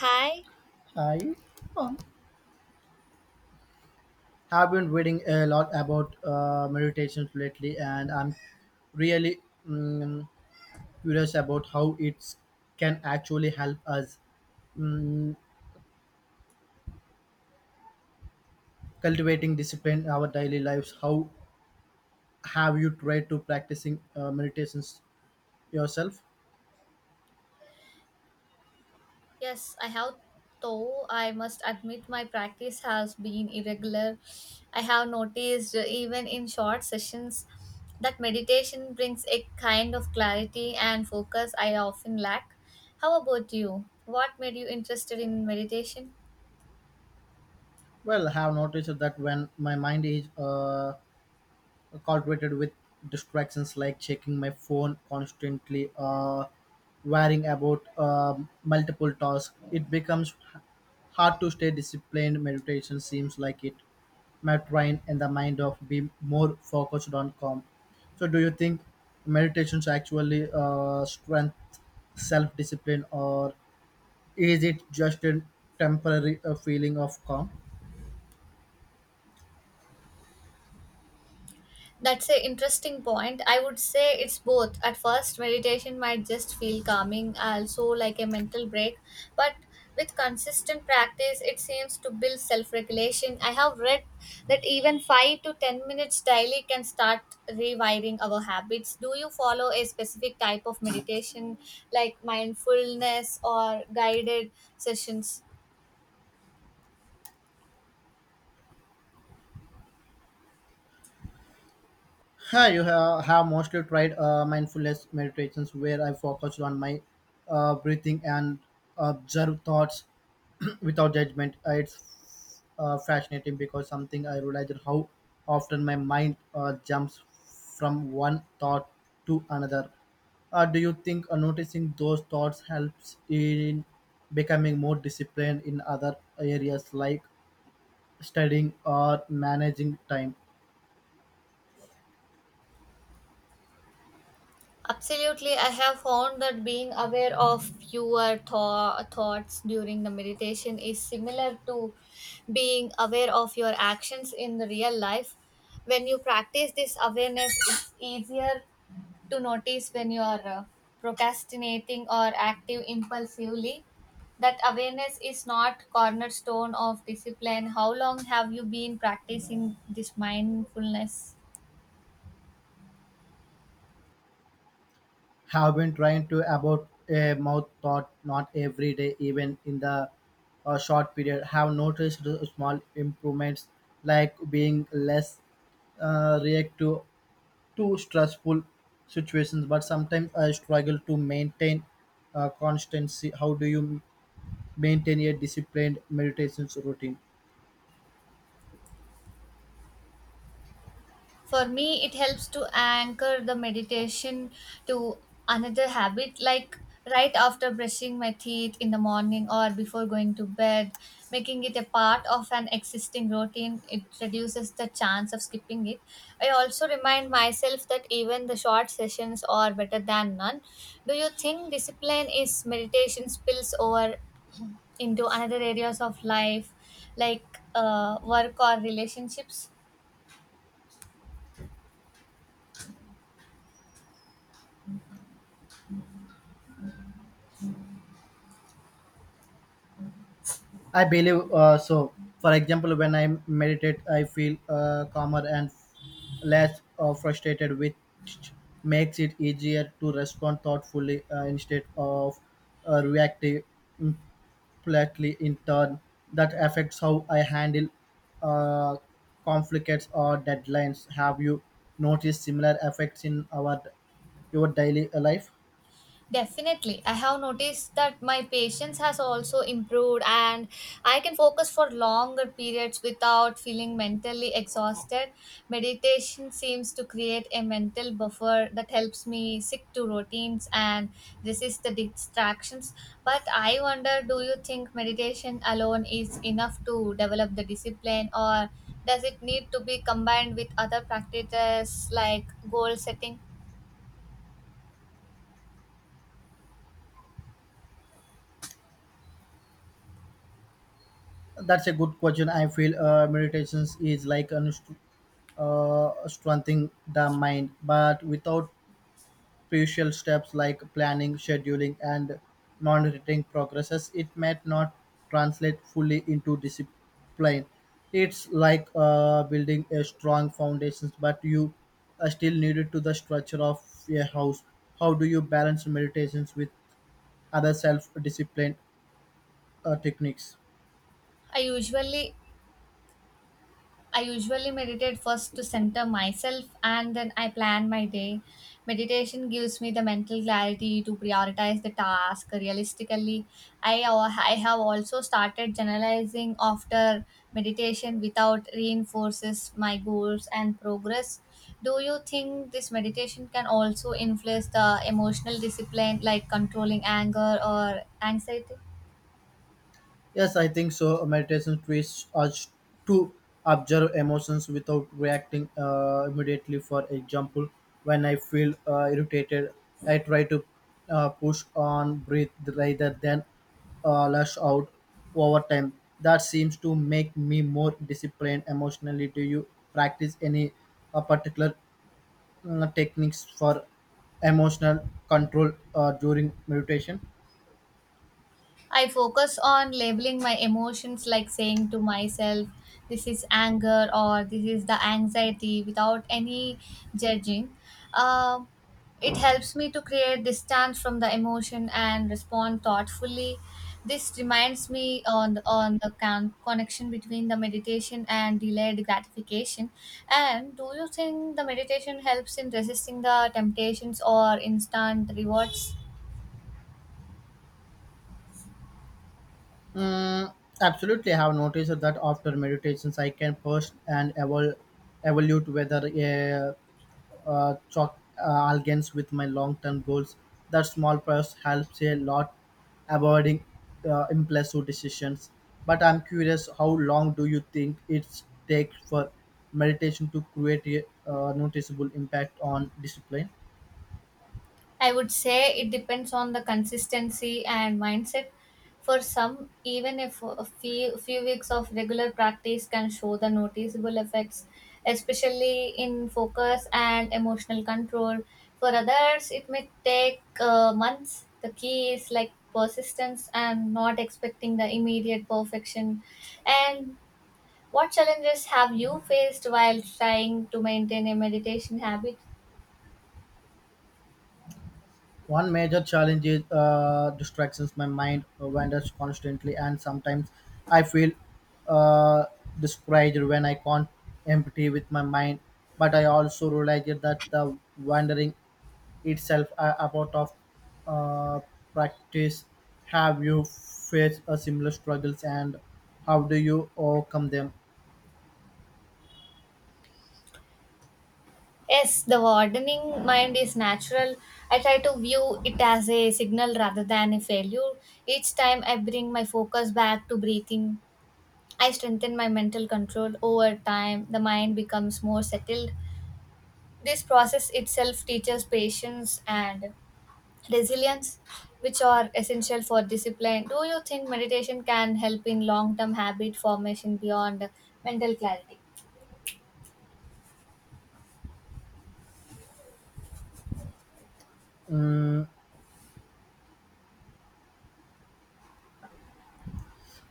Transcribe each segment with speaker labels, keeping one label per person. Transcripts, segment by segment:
Speaker 1: Hi,
Speaker 2: I um, have been reading a lot about meditation lately, and I'm really mm curious about how it can actually help us mm cultivating discipline in our daily lives. How have you tried to practicing meditations yourself?
Speaker 1: yes, I have, though I must admit my practice has been irregular. I have noticed, even in short sessions, that meditation brings a kind of clarity and focus I often lack. How about you? What made you interested in meditation?
Speaker 2: Well, I have noticed that when my mind is cultivated with distractions like checking my phone constantly, worrying about multiple tasks. It becomes hard to stay disciplined. Meditation seems like it might train and the mind of be more focused on calm. So, do you think meditations actually strength self discipline, or is it just a temporary feeling of calm?
Speaker 1: That's an interesting point. I would say it's both. At first, meditation might just feel calming, also like a mental break. But with consistent practice, it seems to build self regulation. I have read that even 5 to 10 minutes daily can start rewiring our habits. Do you follow a specific type of meditation like mindfulness or guided sessions?
Speaker 2: Hi, you have mostly tried mindfulness meditations where I focused on my breathing and observe thoughts without judgment. It's fascinating because something I realized how often my mind jumps from one thought to another. Do you think noticing those thoughts helps in becoming more disciplined in other areas like studying or managing time?
Speaker 1: Absolutely, I have found that being aware of your thoughts during the meditation is similar to being aware of your actions in the real life. When you practice this awareness, it's easier to notice when you are procrastinating or active impulsively. That awareness is not cornerstone of discipline. How long have you been practicing this mindfulness?
Speaker 2: Have been trying to about a mouth thought not every day, even in the short period have noticed the small improvements like being less reactive to stressful situations, but sometimes I struggle to maintain constancy. How do you maintain a disciplined meditation routine?
Speaker 1: For me, it helps to anchor the meditation to another habit, like right after brushing my teeth in the morning or before going to bed. Making it a part of an existing routine, it reduces the chance of skipping it. I also remind myself that even the short sessions are better than none. Do you think discipline is meditation spills over into another areas of life, like work or relationships?
Speaker 2: I believe so. For example, when I meditate, I feel calmer and less frustrated, which makes it easier to respond thoughtfully instead of reactive impulsively. In turn, that affects how I handle uh, conflicts or deadlines. Have you noticed similar effects in our your daily life?
Speaker 1: Definitely. I have noticed that my patience has also improved, and I can focus for longer periods without feeling mentally exhausted. Meditation seems to create a mental buffer that helps me stick to routines and resist the distractions. But I wonder, do you think meditation alone is enough to develop the discipline, or does it need to be combined with other practices like goal setting?
Speaker 2: That's a good question. I feel meditations is like strengthening the mind, but without crucial steps like planning, scheduling, and monitoring progresses, it might not translate fully into discipline. It's like building a strong foundations, but you are still needed to the structure of a house. How do you balance meditations with other self-discipline techniques?
Speaker 1: I usually I usually meditate first to center myself, and then I plan my day. Meditation gives me the mental clarity to prioritize the task realistically. I have also started generalizing after meditation without reinforces my goals and progress. Do you think this meditation can also influence the emotional discipline like controlling anger or anxiety?
Speaker 2: Yes, I think so. Meditation teaches us to observe emotions without reacting immediately. For example, when I feel irritated, I try to push on, breathe rather than lash out over time. That seems to make me more disciplined emotionally. Do you practice any particular techniques for emotional control during meditation?
Speaker 1: I focus on labeling my emotions, like saying to myself, this is anger or this is the anxiety without any judging. Um it helps me to create distance from the emotion and respond thoughtfully. This reminds me on the connection between the meditation and delayed gratification. And do you think the meditation helps in resisting the temptations or instant rewards?
Speaker 2: Mm, Absolutely, I have noticed that after meditations, I can push and evaluate whether uh, chalk aligns with my long-term goals. That small purse helps a lot avoiding impulsive decisions. But I'm curious, how long do you think it takes for meditation to create a noticeable impact on discipline?
Speaker 1: I would say it depends on the consistency and mindset. For some, even if a few weeks of regular practice can show the noticeable effects, especially in focus and emotional control. For others, it may take months. The key is like persistence and not expecting the immediate perfection. And what challenges have you faced while trying to maintain a meditation habit?
Speaker 2: One major challenge is distractions. My mind wanders constantly, and sometimes I feel uh, discouraged when I can't empty with my mind. But I also realize that the wandering itself a part of uh, practice. Have you faced a similar struggles, and how do you overcome them?
Speaker 1: Yes, the wardening mind is natural. I try to view it as a signal rather than a failure. Each time I bring my focus back to breathing, I strengthen my mental control. Over time, the mind becomes more settled. This process itself teaches patience and resilience, which are essential for discipline. Do you think meditation can help in long term habit formation beyond mental clarity?
Speaker 2: Mm,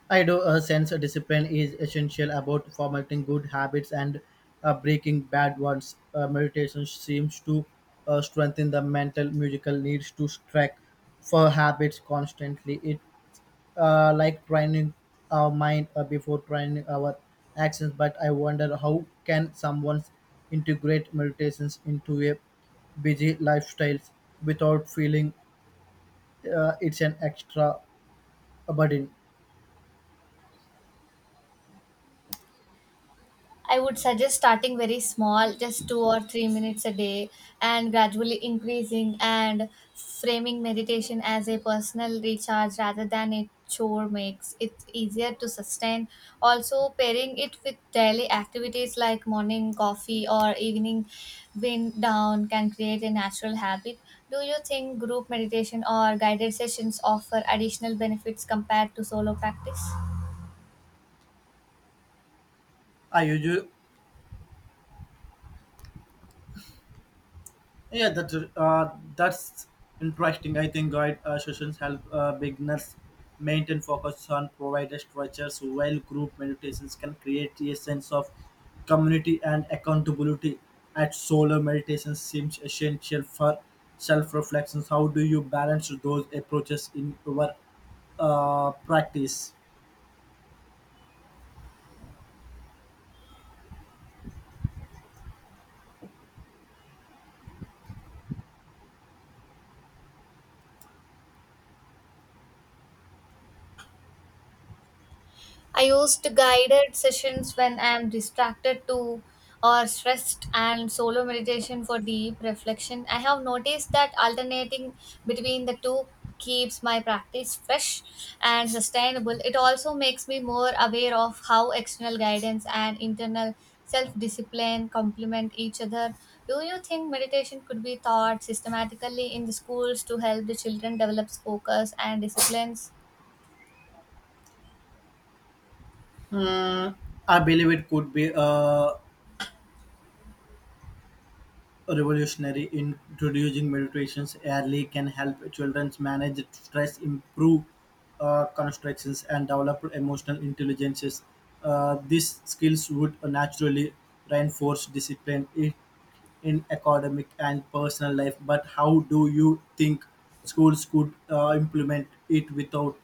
Speaker 2: I do sense a discipline is essential about formatting good habits and breaking bad ones. Meditation seems to strengthen the mental musical needs to track for habits constantly. It like training our mind before training our actions. But I wonder how can someone integrate meditations into a busy lifestyles without feeling it's an extra burden.
Speaker 1: I would suggest starting very small, just 2 or 3 minutes a day, and gradually increasing, and framing meditation as a personal recharge rather than a chore makes it easier to sustain. Also, pairing it with daily activities like morning coffee or evening wind down can create a natural habit. Do you think group meditation or guided sessions offer additional benefits compared to solo practice?
Speaker 2: I usually Yeah, that's interesting. I think guide sessions help beginners maintain focus on provided structures, while group meditations can create a sense of community and accountability. At solo meditation seems essential for self-reflections. How do you balance those approaches in your practice?
Speaker 1: I used guided sessions when I am distracted to or stressed, and solo meditation for deep reflection. I have noticed that alternating between the two keeps my practice fresh and sustainable. It also makes me more aware of how external guidance and internal self discipline complement each other. Do you think meditation could be taught systematically in the schools to help the children develop focus and disciplines?
Speaker 2: Hmm, I believe it could be revolutionary. Introducing meditations early can help children manage stress, improve constructions, and develop emotional intelligences. These skills would naturally reinforce discipline in academic and personal life. But how do you think schools could implement it without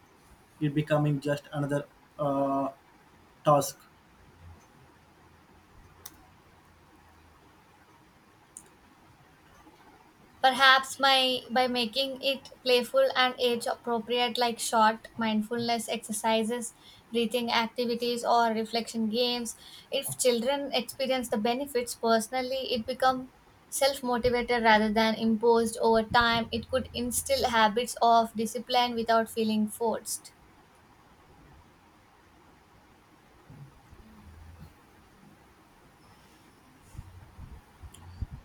Speaker 2: it becoming just another uh, task?
Speaker 1: Perhaps my by making it playful and age appropriate, like short mindfulness exercises, breathing activities or reflection games. If children experience the benefits personally, it becomes self-motivated rather than imposed over time. It could instill habits of discipline without feeling forced.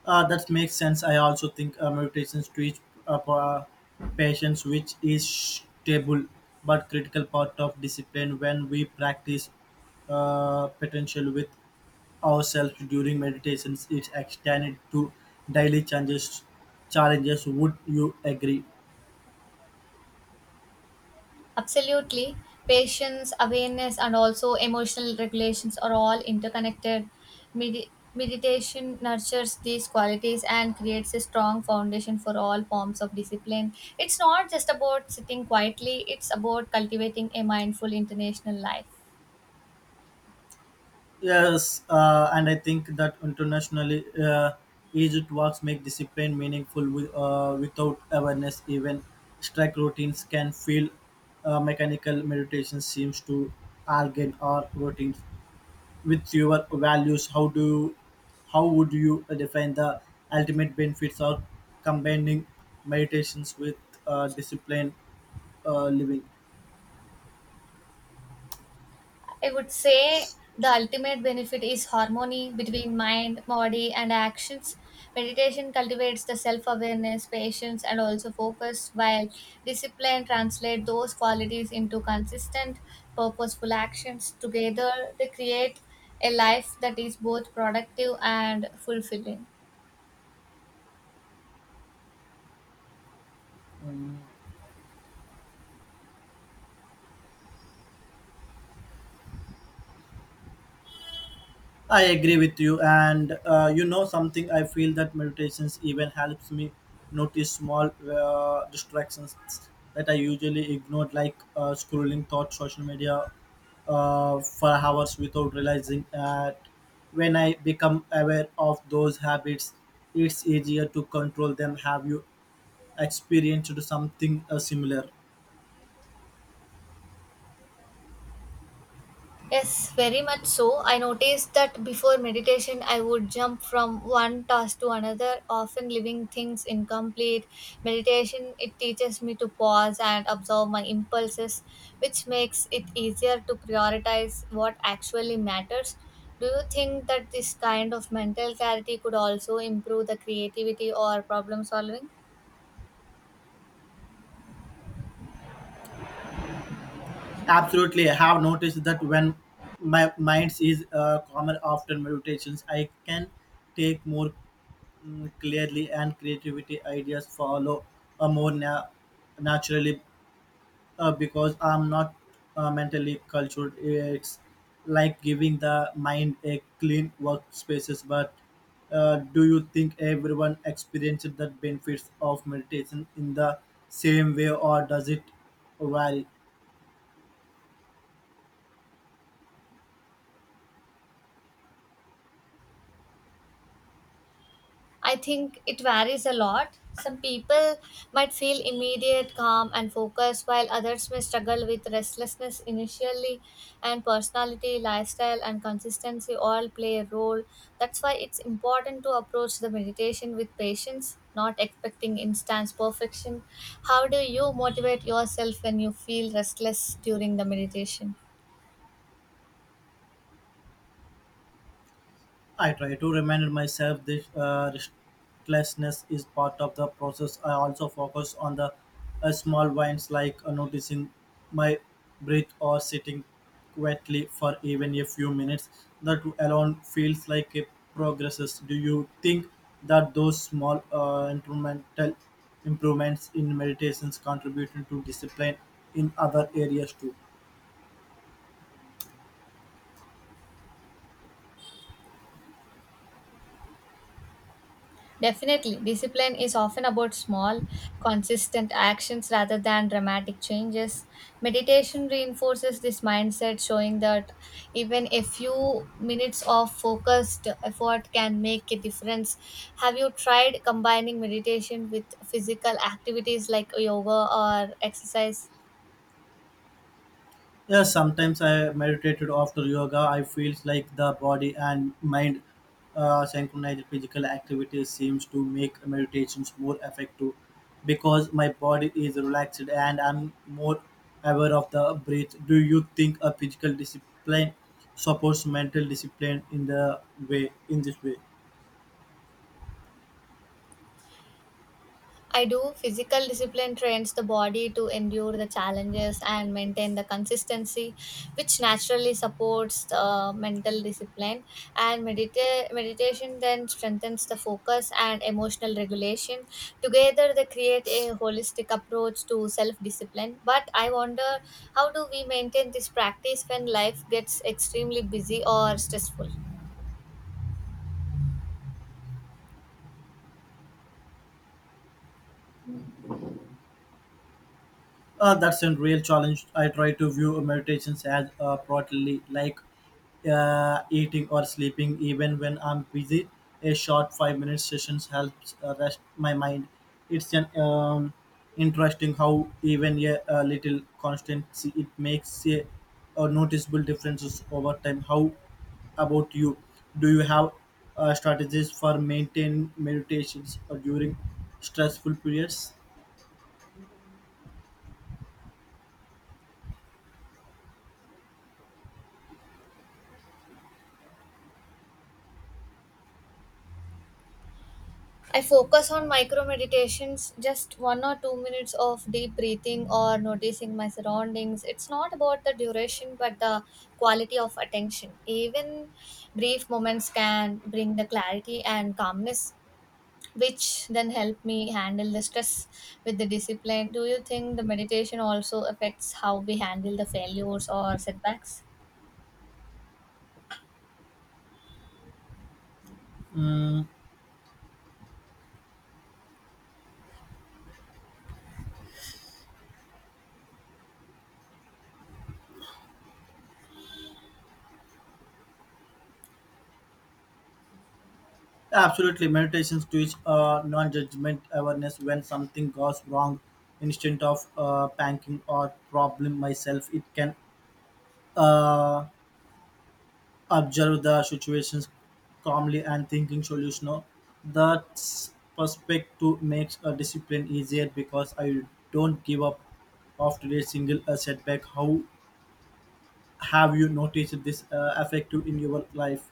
Speaker 2: That makes sense. I also think meditations teach uh, pa- patience, which is stable but critical part of discipline. When we practice potential with ourselves during meditations, it's extended to daily changes. Challenges. Would you agree?
Speaker 1: Absolutely. Patience, awareness, and also emotional regulations are all interconnected. Meditation nurtures these qualities and creates a strong foundation for all forms of discipline. It's not just about sitting quietly, it's about cultivating a mindful international life.
Speaker 2: Yes, and I think that internationally, Egypt works make discipline meaningful. Without awareness, even strike routines can feel mechanical. Meditation seems to align our routines with your values. How would you define the ultimate benefits of combining meditations with discipline living?
Speaker 1: I would say the ultimate benefit is harmony between mind, body, and actions. Meditation cultivates the self awareness, patience, and also focus, while discipline translates those qualities into consistent, purposeful actions. Together, they create a life that is both productive and fulfilling.
Speaker 2: Mm. I agree with you, and you know something. I feel that meditations even helps me notice small distractions that I usually ignored, like scrolling thought social media for hours without realizing that. When I become aware of those habits, it's easier to control them. Have you experienced something similar?
Speaker 1: Yes, very much so. I noticed that before meditation, I would jump from one task to another, often leaving things incomplete. Meditation, it teaches me to pause and observe my impulses, which makes it easier to prioritize what actually matters. Do you think that this kind of mental clarity could also improve the creativity or problem solving?
Speaker 2: Absolutely, I have noticed that when my mind is calmer after meditations, I can take more clearly and creativity ideas follow more naturally because I'm not mentally cultured. It's like giving the mind a clean workspaces. But do you think everyone experiences the benefits of meditation in the same way, or does it vary?
Speaker 1: I think it varies a lot. Some people might feel immediate calm and focus, while others may struggle with restlessness initially, and personality, lifestyle, and consistency all play a role. That's why it's important to approach the meditation with patience, not expecting instant perfection. How do you motivate yourself when you feel restless during the meditation?
Speaker 2: I try to remind myself this restlessness is part of the process. I also focus on the small wins like noticing my breath or sitting quietly for even a few minutes. That alone feels like a progresses. Do you think that those small incremental improvements in meditations contributing to discipline in other areas too?
Speaker 1: Definitely, discipline is often about small, consistent actions rather than dramatic changes. Meditation reinforces this mindset, showing that even a few minutes of focused effort can make a difference. Have you tried combining meditation with physical activities like yoga or exercise?
Speaker 2: Yes, sometimes I meditated after yoga. I feel like the body and mind synchronized physical activity seems to make meditations more effective because my body is relaxed and I'm more aware of the breath. Do you think a physical discipline supports mental discipline in the way in this way?
Speaker 1: I do. Physical discipline trains the body to endure the challenges and maintain the consistency, which naturally supports the mental discipline. And meditation then strengthens the focus and emotional regulation. Together, they create a holistic approach to self discipline. But I wonder, how do we maintain this practice when life gets extremely busy or stressful?
Speaker 2: That's a real challenge. I try to view meditations as broadly like eating or sleeping, even when I'm busy. A short 5-minute sessions helps rest my mind. It's an interesting how even a little constancy it makes a noticeable differences over time. How about you? Do you have strategies for maintain meditations or during stressful periods?
Speaker 1: I focus on micro meditations, just 1 or 2 minutes of deep breathing or noticing my surroundings. It's not about the duration but the quality of attention. Even brief moments can bring the clarity and calmness, which then help me handle the stress with the discipline. Do you think the meditation also affects how we handle the failures or setbacks?
Speaker 2: Absolutely, meditations teach non-judgment awareness when something goes wrong. Instead of panicking or problem myself, it can uh, observe the situations calmly and thinking solution. That perspective makes a discipline easier because I don't give up after a single setback. How have you noticed this effect in your life?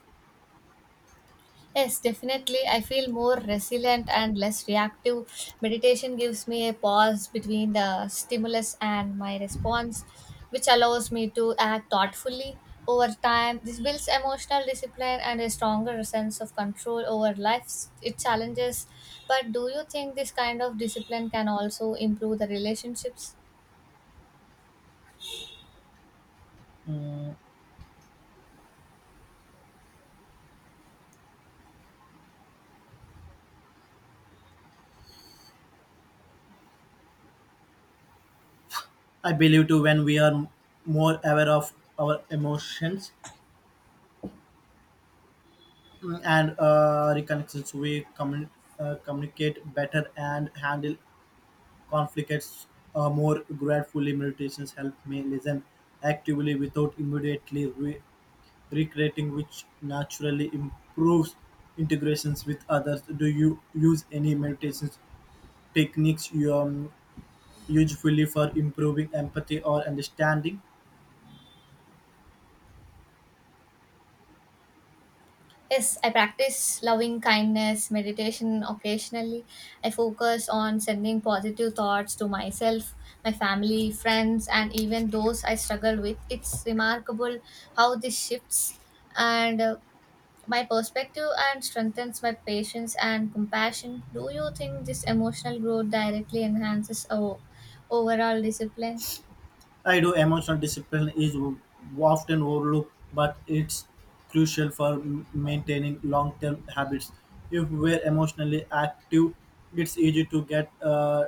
Speaker 1: Yes, definitely. I feel more resilient and less reactive. Meditation gives me a pause between the stimulus and my response, which allows me to act thoughtfully over time. This builds emotional discipline and a stronger sense of control over life's its challenges. But do you think this kind of discipline can also improve the relationships?
Speaker 2: I believe too when we are more aware of our emotions and reconnections we communicate better and handle conflicts more gratefully meditations help me listen actively without immediately recreating, which naturally improves integrations with others. Do you use any meditations techniques you usefully for improving empathy or understanding?
Speaker 1: Yes, I practice loving kindness, meditation occasionally. I focus on sending positive thoughts to myself, my family, friends, and even those I struggle with. It's remarkable how this shifts and my perspective and strengthens my patience and compassion. Do you think this emotional growth directly enhances our overall discipline?
Speaker 2: I do. Emotional discipline is often overlooked, but it's crucial for maintaining long term habits. If we're emotionally active, it's easy to get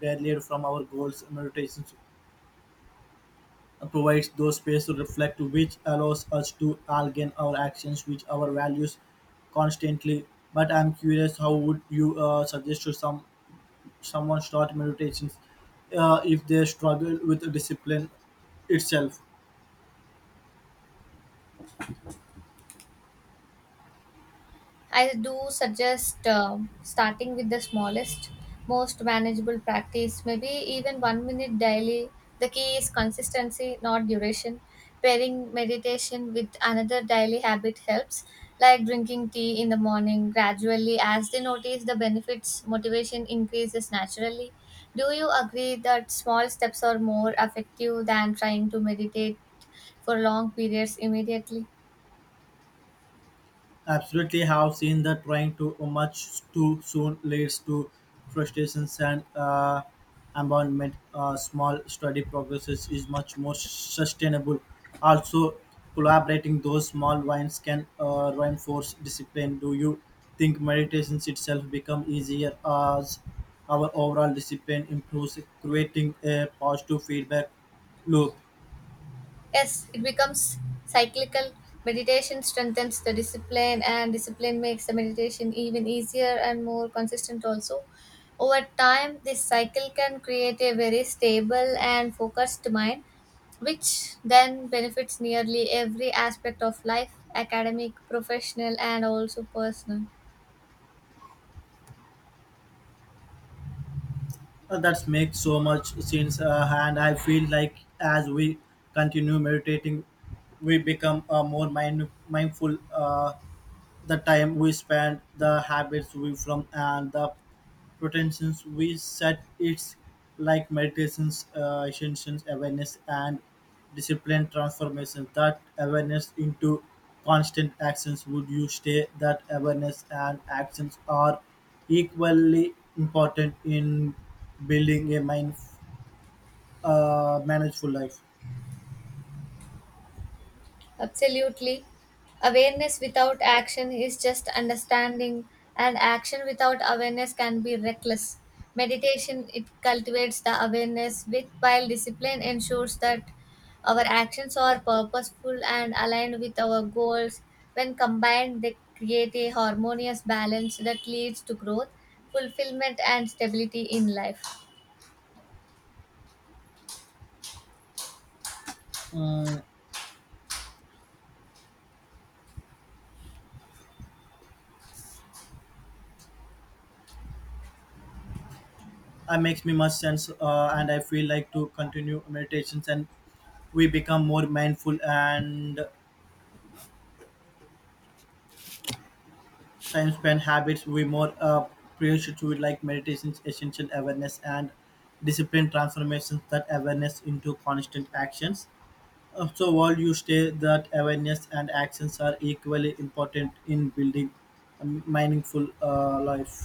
Speaker 2: derailed from our goals. Meditation provides those space to reflect, which allows us to align our actions with our values constantly. But I'm curious, how would you suggest to someone start meditations if they struggle with discipline itself?
Speaker 1: I do suggest starting with the smallest, most manageable practice, maybe even 1 minute daily. The key is consistency, not duration. Pairing meditation with another daily habit helps, like drinking tea in the morning gradually. As they notice the benefits, motivation increases naturally. Do you agree that small steps are more effective than trying to meditate for long periods immediately?
Speaker 2: Absolutely, have seen that trying to much too soon leads to frustrations and abandonment. Small study progresses is much more sustainable. Also, collaborating those small wins can reinforce discipline. Do you think meditations itself become easier as our overall discipline improves, creating a positive feedback loop?
Speaker 1: Yes, it becomes cyclical. Meditation strengthens the discipline, and discipline makes the meditation even easier and more consistent, also. Over time, this cycle can create a very stable and focused mind, which then benefits nearly every aspect of life academic, professional, and also personal.
Speaker 2: That makes so much sense, and I feel like as we continue meditating, we become more mindful. The time we spend, the habits we form, and the pretensions we set. It's like meditations, intentions, awareness, and discipline transformation. That awareness into constant actions. Would you say that awareness and actions are equally important in building a mind, manageful life?
Speaker 1: Absolutely. Awareness without action is just understanding, and action without awareness can be reckless. Meditation it cultivates the awareness with, while discipline ensures that our actions are purposeful and aligned with our goals. When combined, they create a harmonious balance that leads to growth, fulfillment and stability in life.
Speaker 2: Mm, that makes me much sense, and I feel like to continue meditations and we become more mindful and time spent habits we more precious to like meditations essential awareness and discipline transformations that awareness into constant actions. So while you stay that awareness and actions are equally important in building a meaningful life.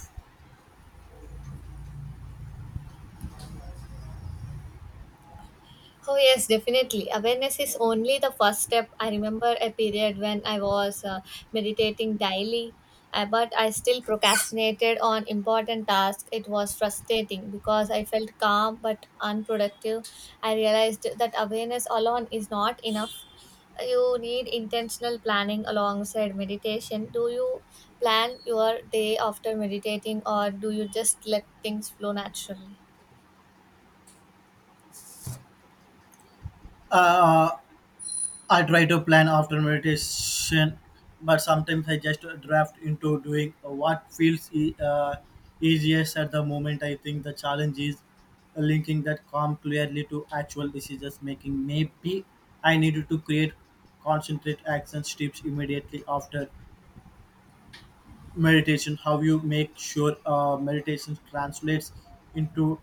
Speaker 1: Oh, yes, definitely. Awareness is only the first step. I remember a period when I was meditating daily, but I still procrastinated on important tasks. It was frustrating because I felt calm but unproductive. I realized that awareness alone is not enough. You need intentional planning alongside meditation. Do you plan your day after meditating, or do you just let things flow naturally?
Speaker 2: uh, I try to plan after meditation, but sometimes I just draft into doing what feels easiest at the moment. I think the challenge is linking that calm clearly to actual decisions making. Maybe I needed to create concentrate action steps immediately after meditation. How you make sure meditation translates into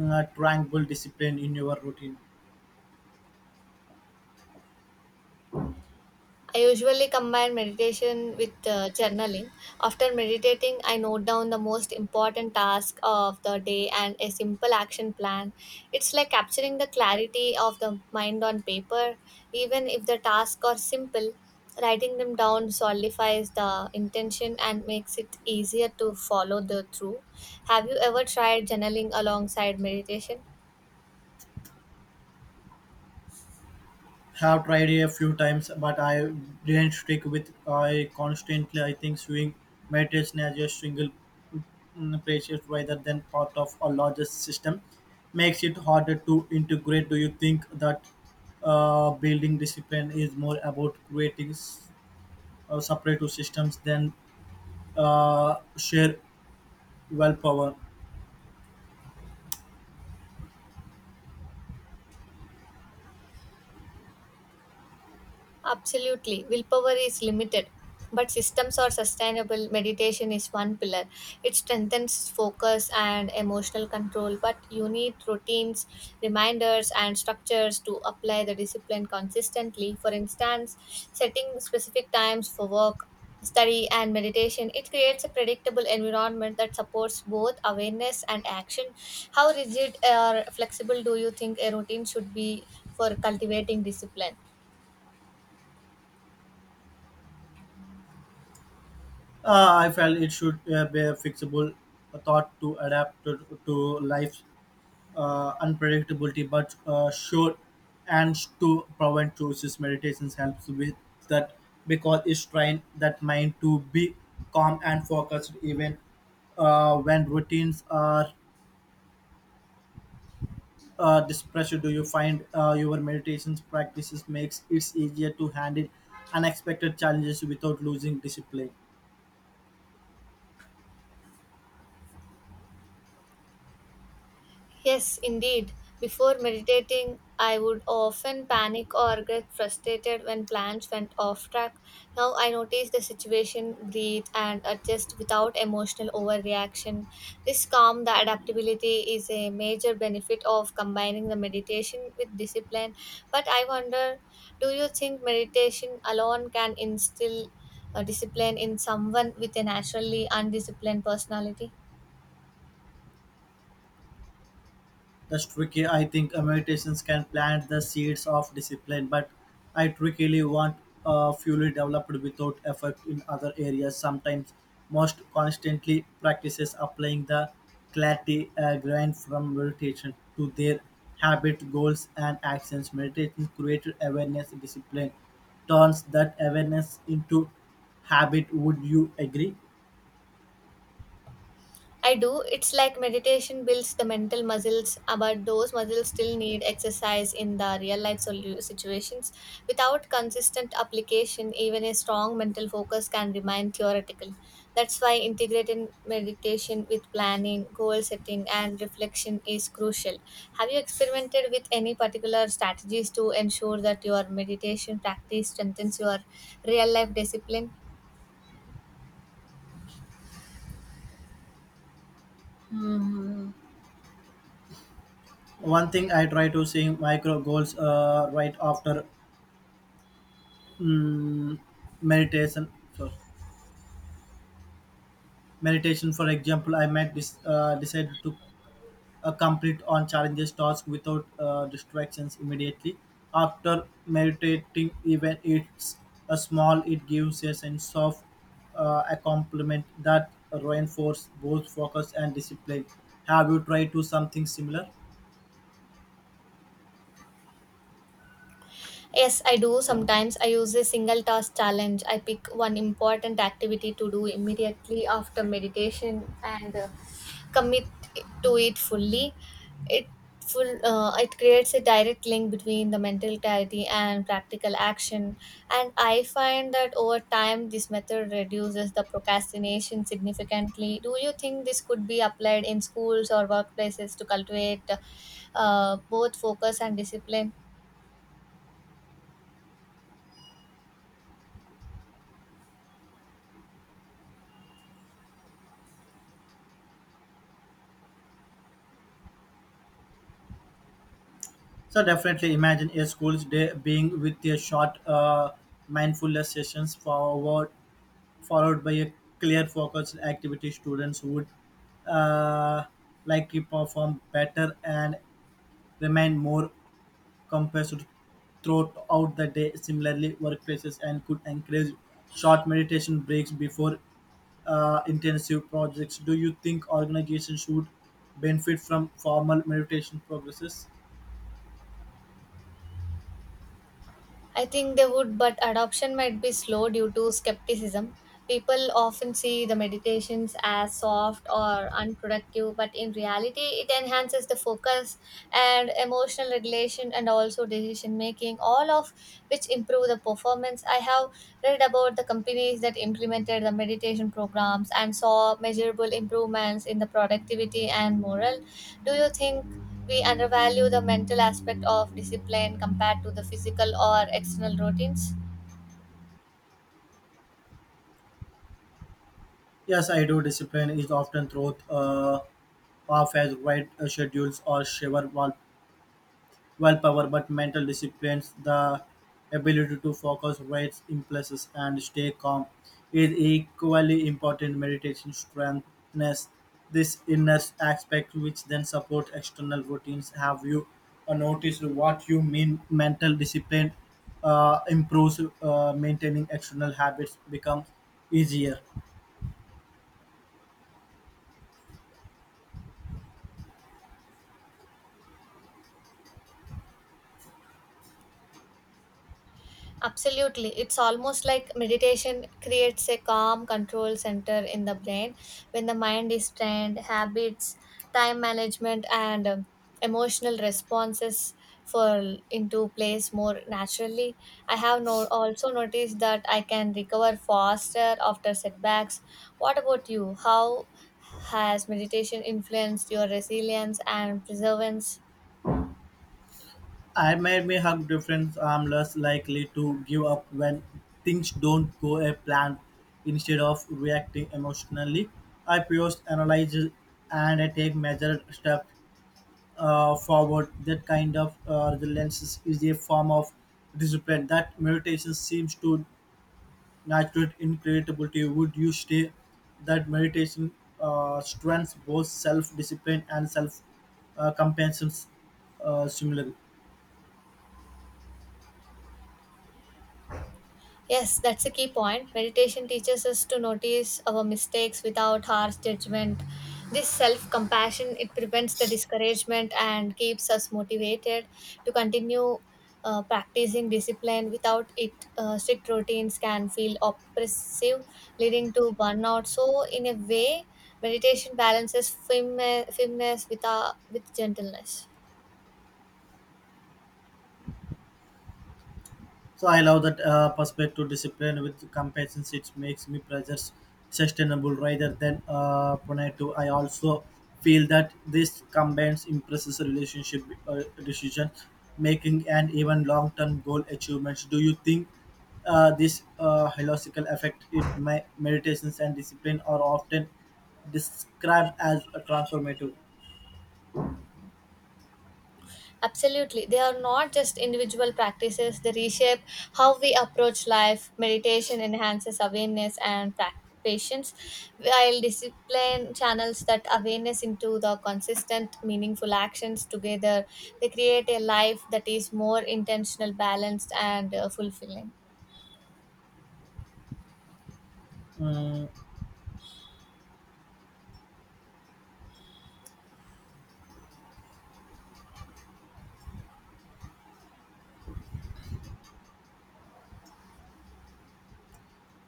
Speaker 2: tranquil discipline in your routine.
Speaker 1: I usually combine meditation with journaling. After meditating, I note down the most important task of the day and a simple action plan. It's like capturing the clarity of the mind on paper. Even if the tasks are simple, writing them down solidifies the intention and makes it easier to follow the through. Have you ever tried journaling alongside meditation?
Speaker 2: Have tried a few times, but I didn't stick with I constantly. I think sewing meditation as a single precious rather than part of a larger system makes it harder to integrate. Do you think that building discipline is more about creating separate systems than share willpower?
Speaker 1: Absolutely. Willpower is limited, but systems are sustainable. Meditation is one pillar. It strengthens focus and emotional control, but you need routines, reminders, and structures to apply the discipline consistently. For instance, setting specific times for work, study, and meditation, it creates a predictable environment that supports both awareness and action. How rigid or flexible do you think a routine should be for cultivating discipline?
Speaker 2: I felt it should be a fixable thought to adapt to life unpredictability, but sure. And to prevent choices, meditations helps with that because it's trained that mind to be calm and focused even when routines are displeasure. Do you find your meditations practices makes it easier to handle unexpected challenges without losing discipline?
Speaker 1: Yes, indeed. Before meditating, I would often panic or get frustrated when plans went off track. Now I notice the situation, breathe, and adjust without emotional overreaction. This calm, the adaptability is a major benefit of combining the meditation with discipline. But I wonder, do you think meditation alone can instill discipline in someone with a naturally undisciplined personality?
Speaker 2: That's tricky. I think meditations can plant the seeds of discipline, but I truly want fully developed without effort in other areas. Sometimes most constantly practices applying the clarity grind from meditation to their habit, goals, and actions. Meditation created awareness, discipline turns that awareness into habit. Would you agree?
Speaker 1: I do. It's like meditation builds the mental muscles, but those muscles still need exercise in the real life situations. Without consistent application, even a strong mental focus can remain theoretical. That's why integrating meditation with planning, goal setting, and reflection is crucial. Have you experimented with any particular strategies to ensure that your meditation practice strengthens your real life discipline?
Speaker 2: One thing I try to say micro goals right after mm, meditation sorry, meditation, for example, I might decide to complete on challenges task without distractions immediately after meditating, even it's a small, it gives a sense of accomplishment that reinforces both focus and discipline. Have you tried to something similar?
Speaker 1: Yes, I do. Sometimes I use a single task challenge. I pick one important activity to do immediately after meditation and commit to it fully. It it creates a direct link between the mental clarity and practical action, and I find that over time this method reduces the procrastination significantly. Do you think this could be applied in schools or workplaces to cultivate both focus and discipline?
Speaker 2: So definitely, imagine a school's day being with a short mindfulness sessions forward followed by a clear focused activity. Students would uh, likely perform better and remain more composed throughout the day. Similarly, workplaces and could encourage short meditation breaks before intensive projects. Do you think organizations should benefit from formal meditation progresses?
Speaker 1: I think they would, but adoption might be slow due to skepticism. People often see the meditations as soft or unproductive, but in reality, it enhances the focus and emotional regulation and also decision making, all of which improve the performance. I have read about the companies that implemented the meditation programs and saw measurable improvements in the productivity and morale. Do you think we undervalue the mental aspect of discipline compared to the physical or external routines?
Speaker 2: Yes, I do. Discipline is often thrown off as wide schedules or shiver wall willpower, but mental disciplines, the ability to focus, weight impulses, and stay calm is equally important. Meditation strengthens this inner aspect, which then support external routines. Have you noticed what you mean? Mental discipline improves, maintaining external habits becomes easier.
Speaker 1: Absolutely. It's almost like meditation creates a calm control center in the brain. When the mind is trained, habits, time management, and emotional responses fall into place more naturally. I have also noticed that I can recover faster after setbacks. What about you? How has meditation influenced your resilience and perseverance?
Speaker 2: I made me hug difference. I'm less likely to give up when things don't go a plan. Instead of reacting emotionally, I post analyze and I take measured steps forward. That kind of resilience is a form of discipline that meditation seems to natural in. Would you say that meditation strengthens both self discipline and self compassion similarly?
Speaker 1: Yes, that's a key point. Meditation teaches us to notice our mistakes without harsh judgment. This self compassion it prevents the discouragement and keeps us motivated to continue practicing discipline. Without it, strict routines can feel oppressive, leading to burnout. So, in a way, meditation balances firmness, firmness with gentleness.
Speaker 2: So I love that perspective discipline with compassion. It makes me precious, sustainable rather than punitive. I also feel that this combines impresses a relationship decision making and even long-term goal achievements. Do you think this philosophical effect, it my meditations and discipline are often described as a transformative?
Speaker 1: Absolutely. They are not just individual practices, they reshape how we approach life. Meditation enhances awareness and patience, while discipline channels that awareness into the consistent, meaningful actions. Together, they create a life that is more intentional, balanced, and fulfilling.
Speaker 2: Mm,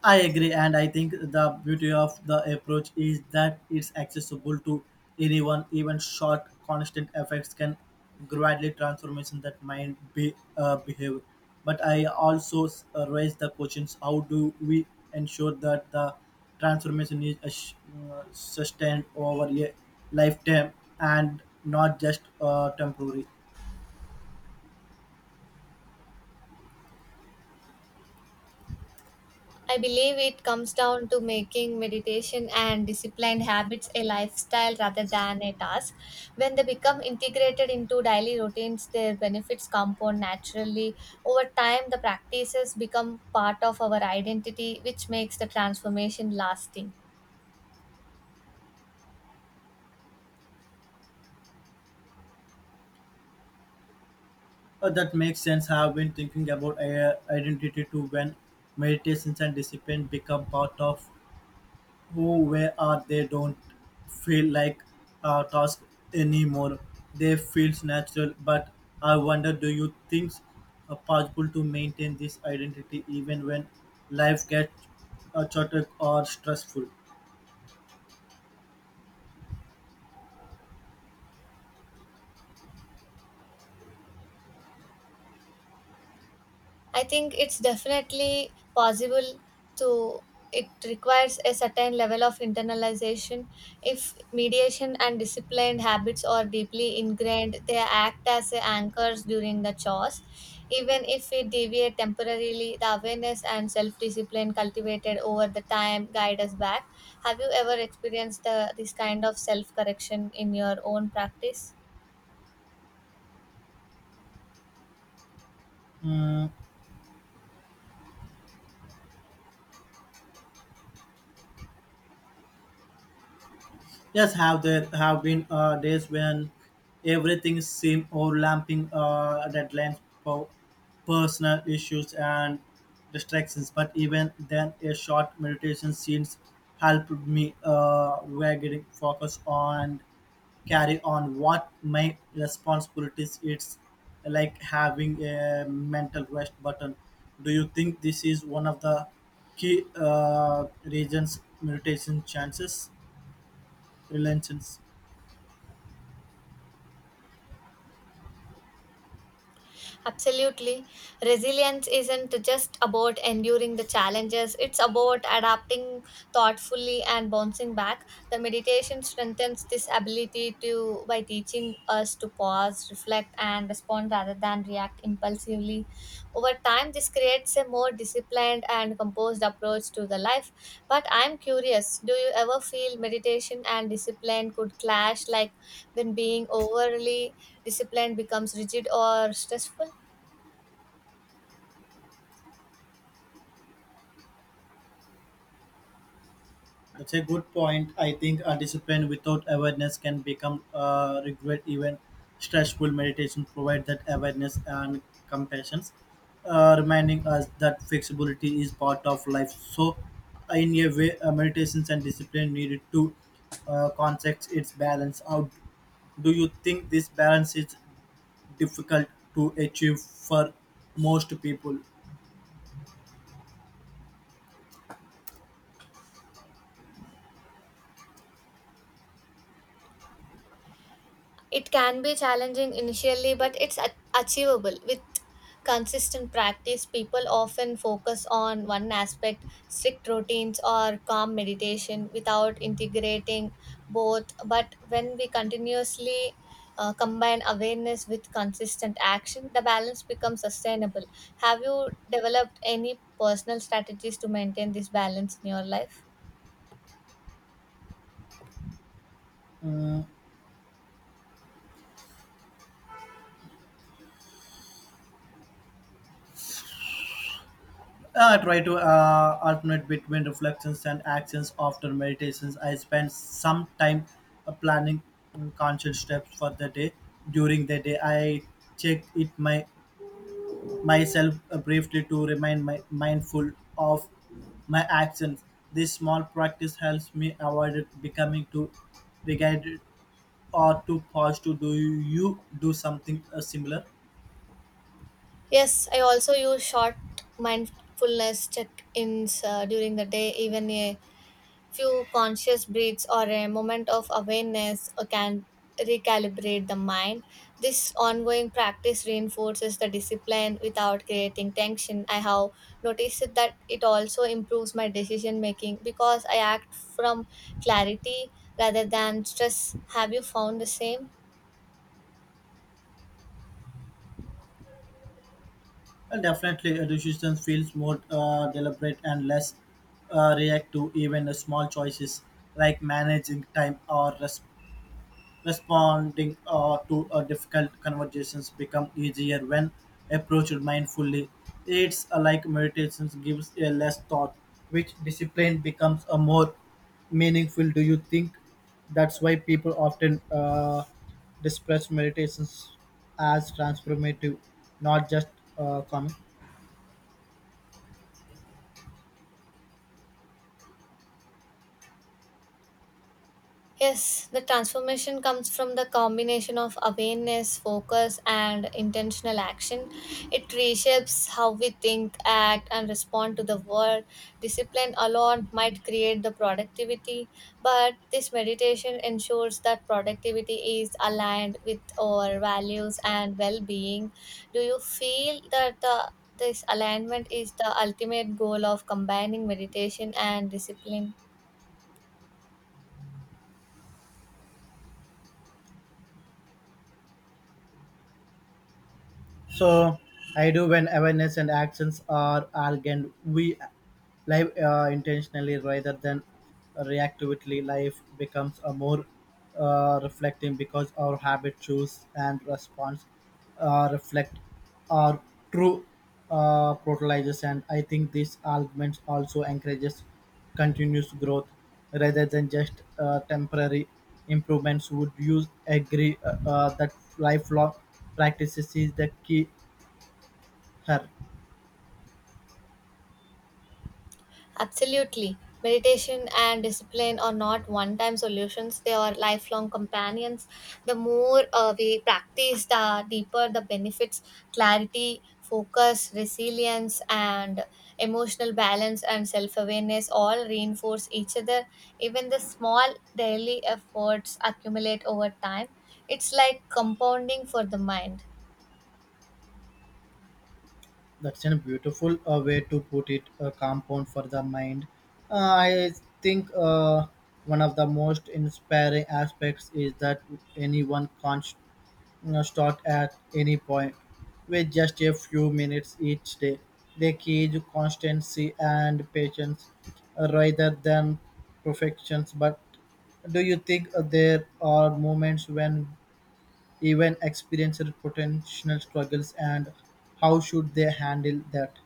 Speaker 2: I agree, and I think the beauty of the approach is that it's accessible to anyone. Even short, constant effects can gradually transformation that mind be behave. But I also raise the questions: how do we ensure that the transformation is sustained over a lifetime and not just temporary?
Speaker 1: I believe it comes down to making meditation and disciplined habits a lifestyle rather than a task. When they become integrated into daily routines, their benefits compound naturally. Over time, the practices become part of our identity, which makes the transformation lasting.
Speaker 2: That makes sense. I have been thinking about identity too, when meditations and discipline become part of who we are. They don't feel like a task anymore. They feel natural. But I wonder, do you think possible to maintain this identity even when life gets chaotic or stressful?
Speaker 1: I think it's definitely possible to, it requires a certain level of internalization. If mediation and disciplined habits are deeply ingrained, they act as anchors during the chores. Even if we deviate temporarily, the awareness and self-discipline cultivated over the time guide us back. Have you ever experienced this kind of self-correction in your own practice?
Speaker 2: Mm, yes, have there have been days when everything seemed overlapping deadlines, personal issues, and distractions. But even then, a short meditation seems helped me getting focus on carry on what my responsibilities. It's like having a mental rest button. Do you think this is one of the key reasons meditation chances, relations?
Speaker 1: Absolutely. Resilience isn't just about enduring the challenges, it's about adapting thoughtfully and bouncing back. The meditation strengthens this ability to by teaching us to pause, reflect and respond rather than react impulsively. Over time this creates a more disciplined and composed approach to the life. But I'm curious, do you ever feel meditation and discipline could clash, like when being overly disciplined becomes rigid or stressful?
Speaker 2: That's a good point. I think a discipline without awareness can become regret. Even stressful meditation provides that awareness and compassion, reminding us that flexibility is part of life. So, in a way, meditations and discipline needed to concept its balance out. Do you think this balance is difficult to achieve for most people?
Speaker 1: It can be challenging initially, but it's achievable. With consistent practice, people often focus on one aspect, strict routines, or calm meditation without integrating both. But when we continuously combine awareness with consistent action, the balance becomes sustainable. Have you developed any personal strategies to maintain this balance in your life?
Speaker 2: Mm, I try to alternate between reflections and actions after meditations. I spend some time planning conscious steps for the day. During the day, I check it my myself briefly to remind my mindful of my actions. This small practice helps me avoid it becoming too regarded or too posh. To do you do something similar?
Speaker 1: Yes, I also use short mindfulness check ins during the day. Even a few conscious breaths or a moment of awareness can recalibrate the mind. This ongoing practice reinforces the discipline without creating tension. I have noticed that it also improves my decision making because I act from clarity rather than stress. Have you found the same?
Speaker 2: Definitely, a decision feels more deliberate and less reactive. Even the small choices like managing time or responding to difficult conversations become easier when approached mindfully. It's like meditation gives a less thought, which discipline becomes a more meaningful. Do you think that's why people often discuss meditations as transformative, not just common?
Speaker 1: Yes, the transformation comes from the combination of awareness, focus, and intentional action. It reshapes how we think, act, and respond to the world. Discipline alone might create the productivity, but this meditation ensures that productivity is aligned with our values and well being. Do you feel that the this alignment is the ultimate goal of combining meditation and discipline?
Speaker 2: So I do, when awareness and actions are aligned. We live intentionally rather than reactively, life becomes a more reflecting because our habit choose and response reflect our true prototypes. And I think this argument also encourages continuous growth rather than just temporary improvements. Would you agree that lifelong practices is the key here?
Speaker 1: Absolutely. Meditation and discipline are not one time solutions, they are lifelong companions. The more we practice, the deeper the benefits clarity, focus, resilience, and emotional balance and self awareness all reinforce each other. Even the small daily efforts accumulate over time. It's like compounding for the mind.
Speaker 2: That's a beautiful way to put it. A compound for the mind. I think one of the most inspiring aspects is that anyone can you know, start at any point with just a few minutes each day. They key to constancy and patience rather than perfections. But do you think there are moments when even experienced potential struggles, and how should they handle that?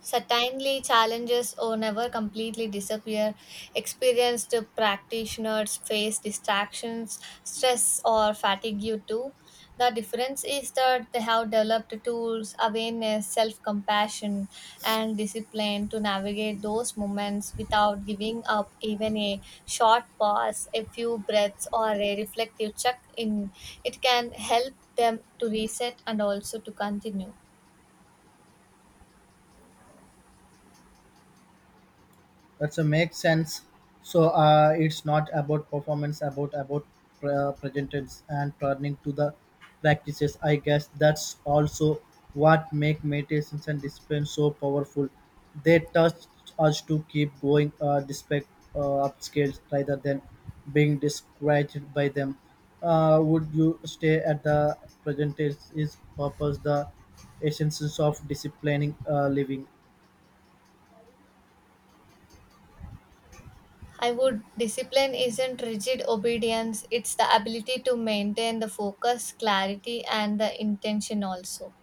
Speaker 1: Certainly, challenges or never completely disappear. Experienced practitioners face distractions, stress, or fatigue too. The difference is that they have developed tools, awareness, self compassion, and discipline to navigate those moments without giving up, even a short pause, a few breaths, or a reflective check in. It can help them to reset and also to continue.
Speaker 2: That's a make sense. So it's not about performance, about presentance and turning to the practices. I guess that's also what make meditations and discipline so powerful. They touch us to keep going despite upscales rather than being discouraged by them. Would you stay at the present is purpose the essence of disciplining living?
Speaker 1: I would, discipline isn't rigid obedience, it's the ability to maintain the focus, clarity, and the intention also.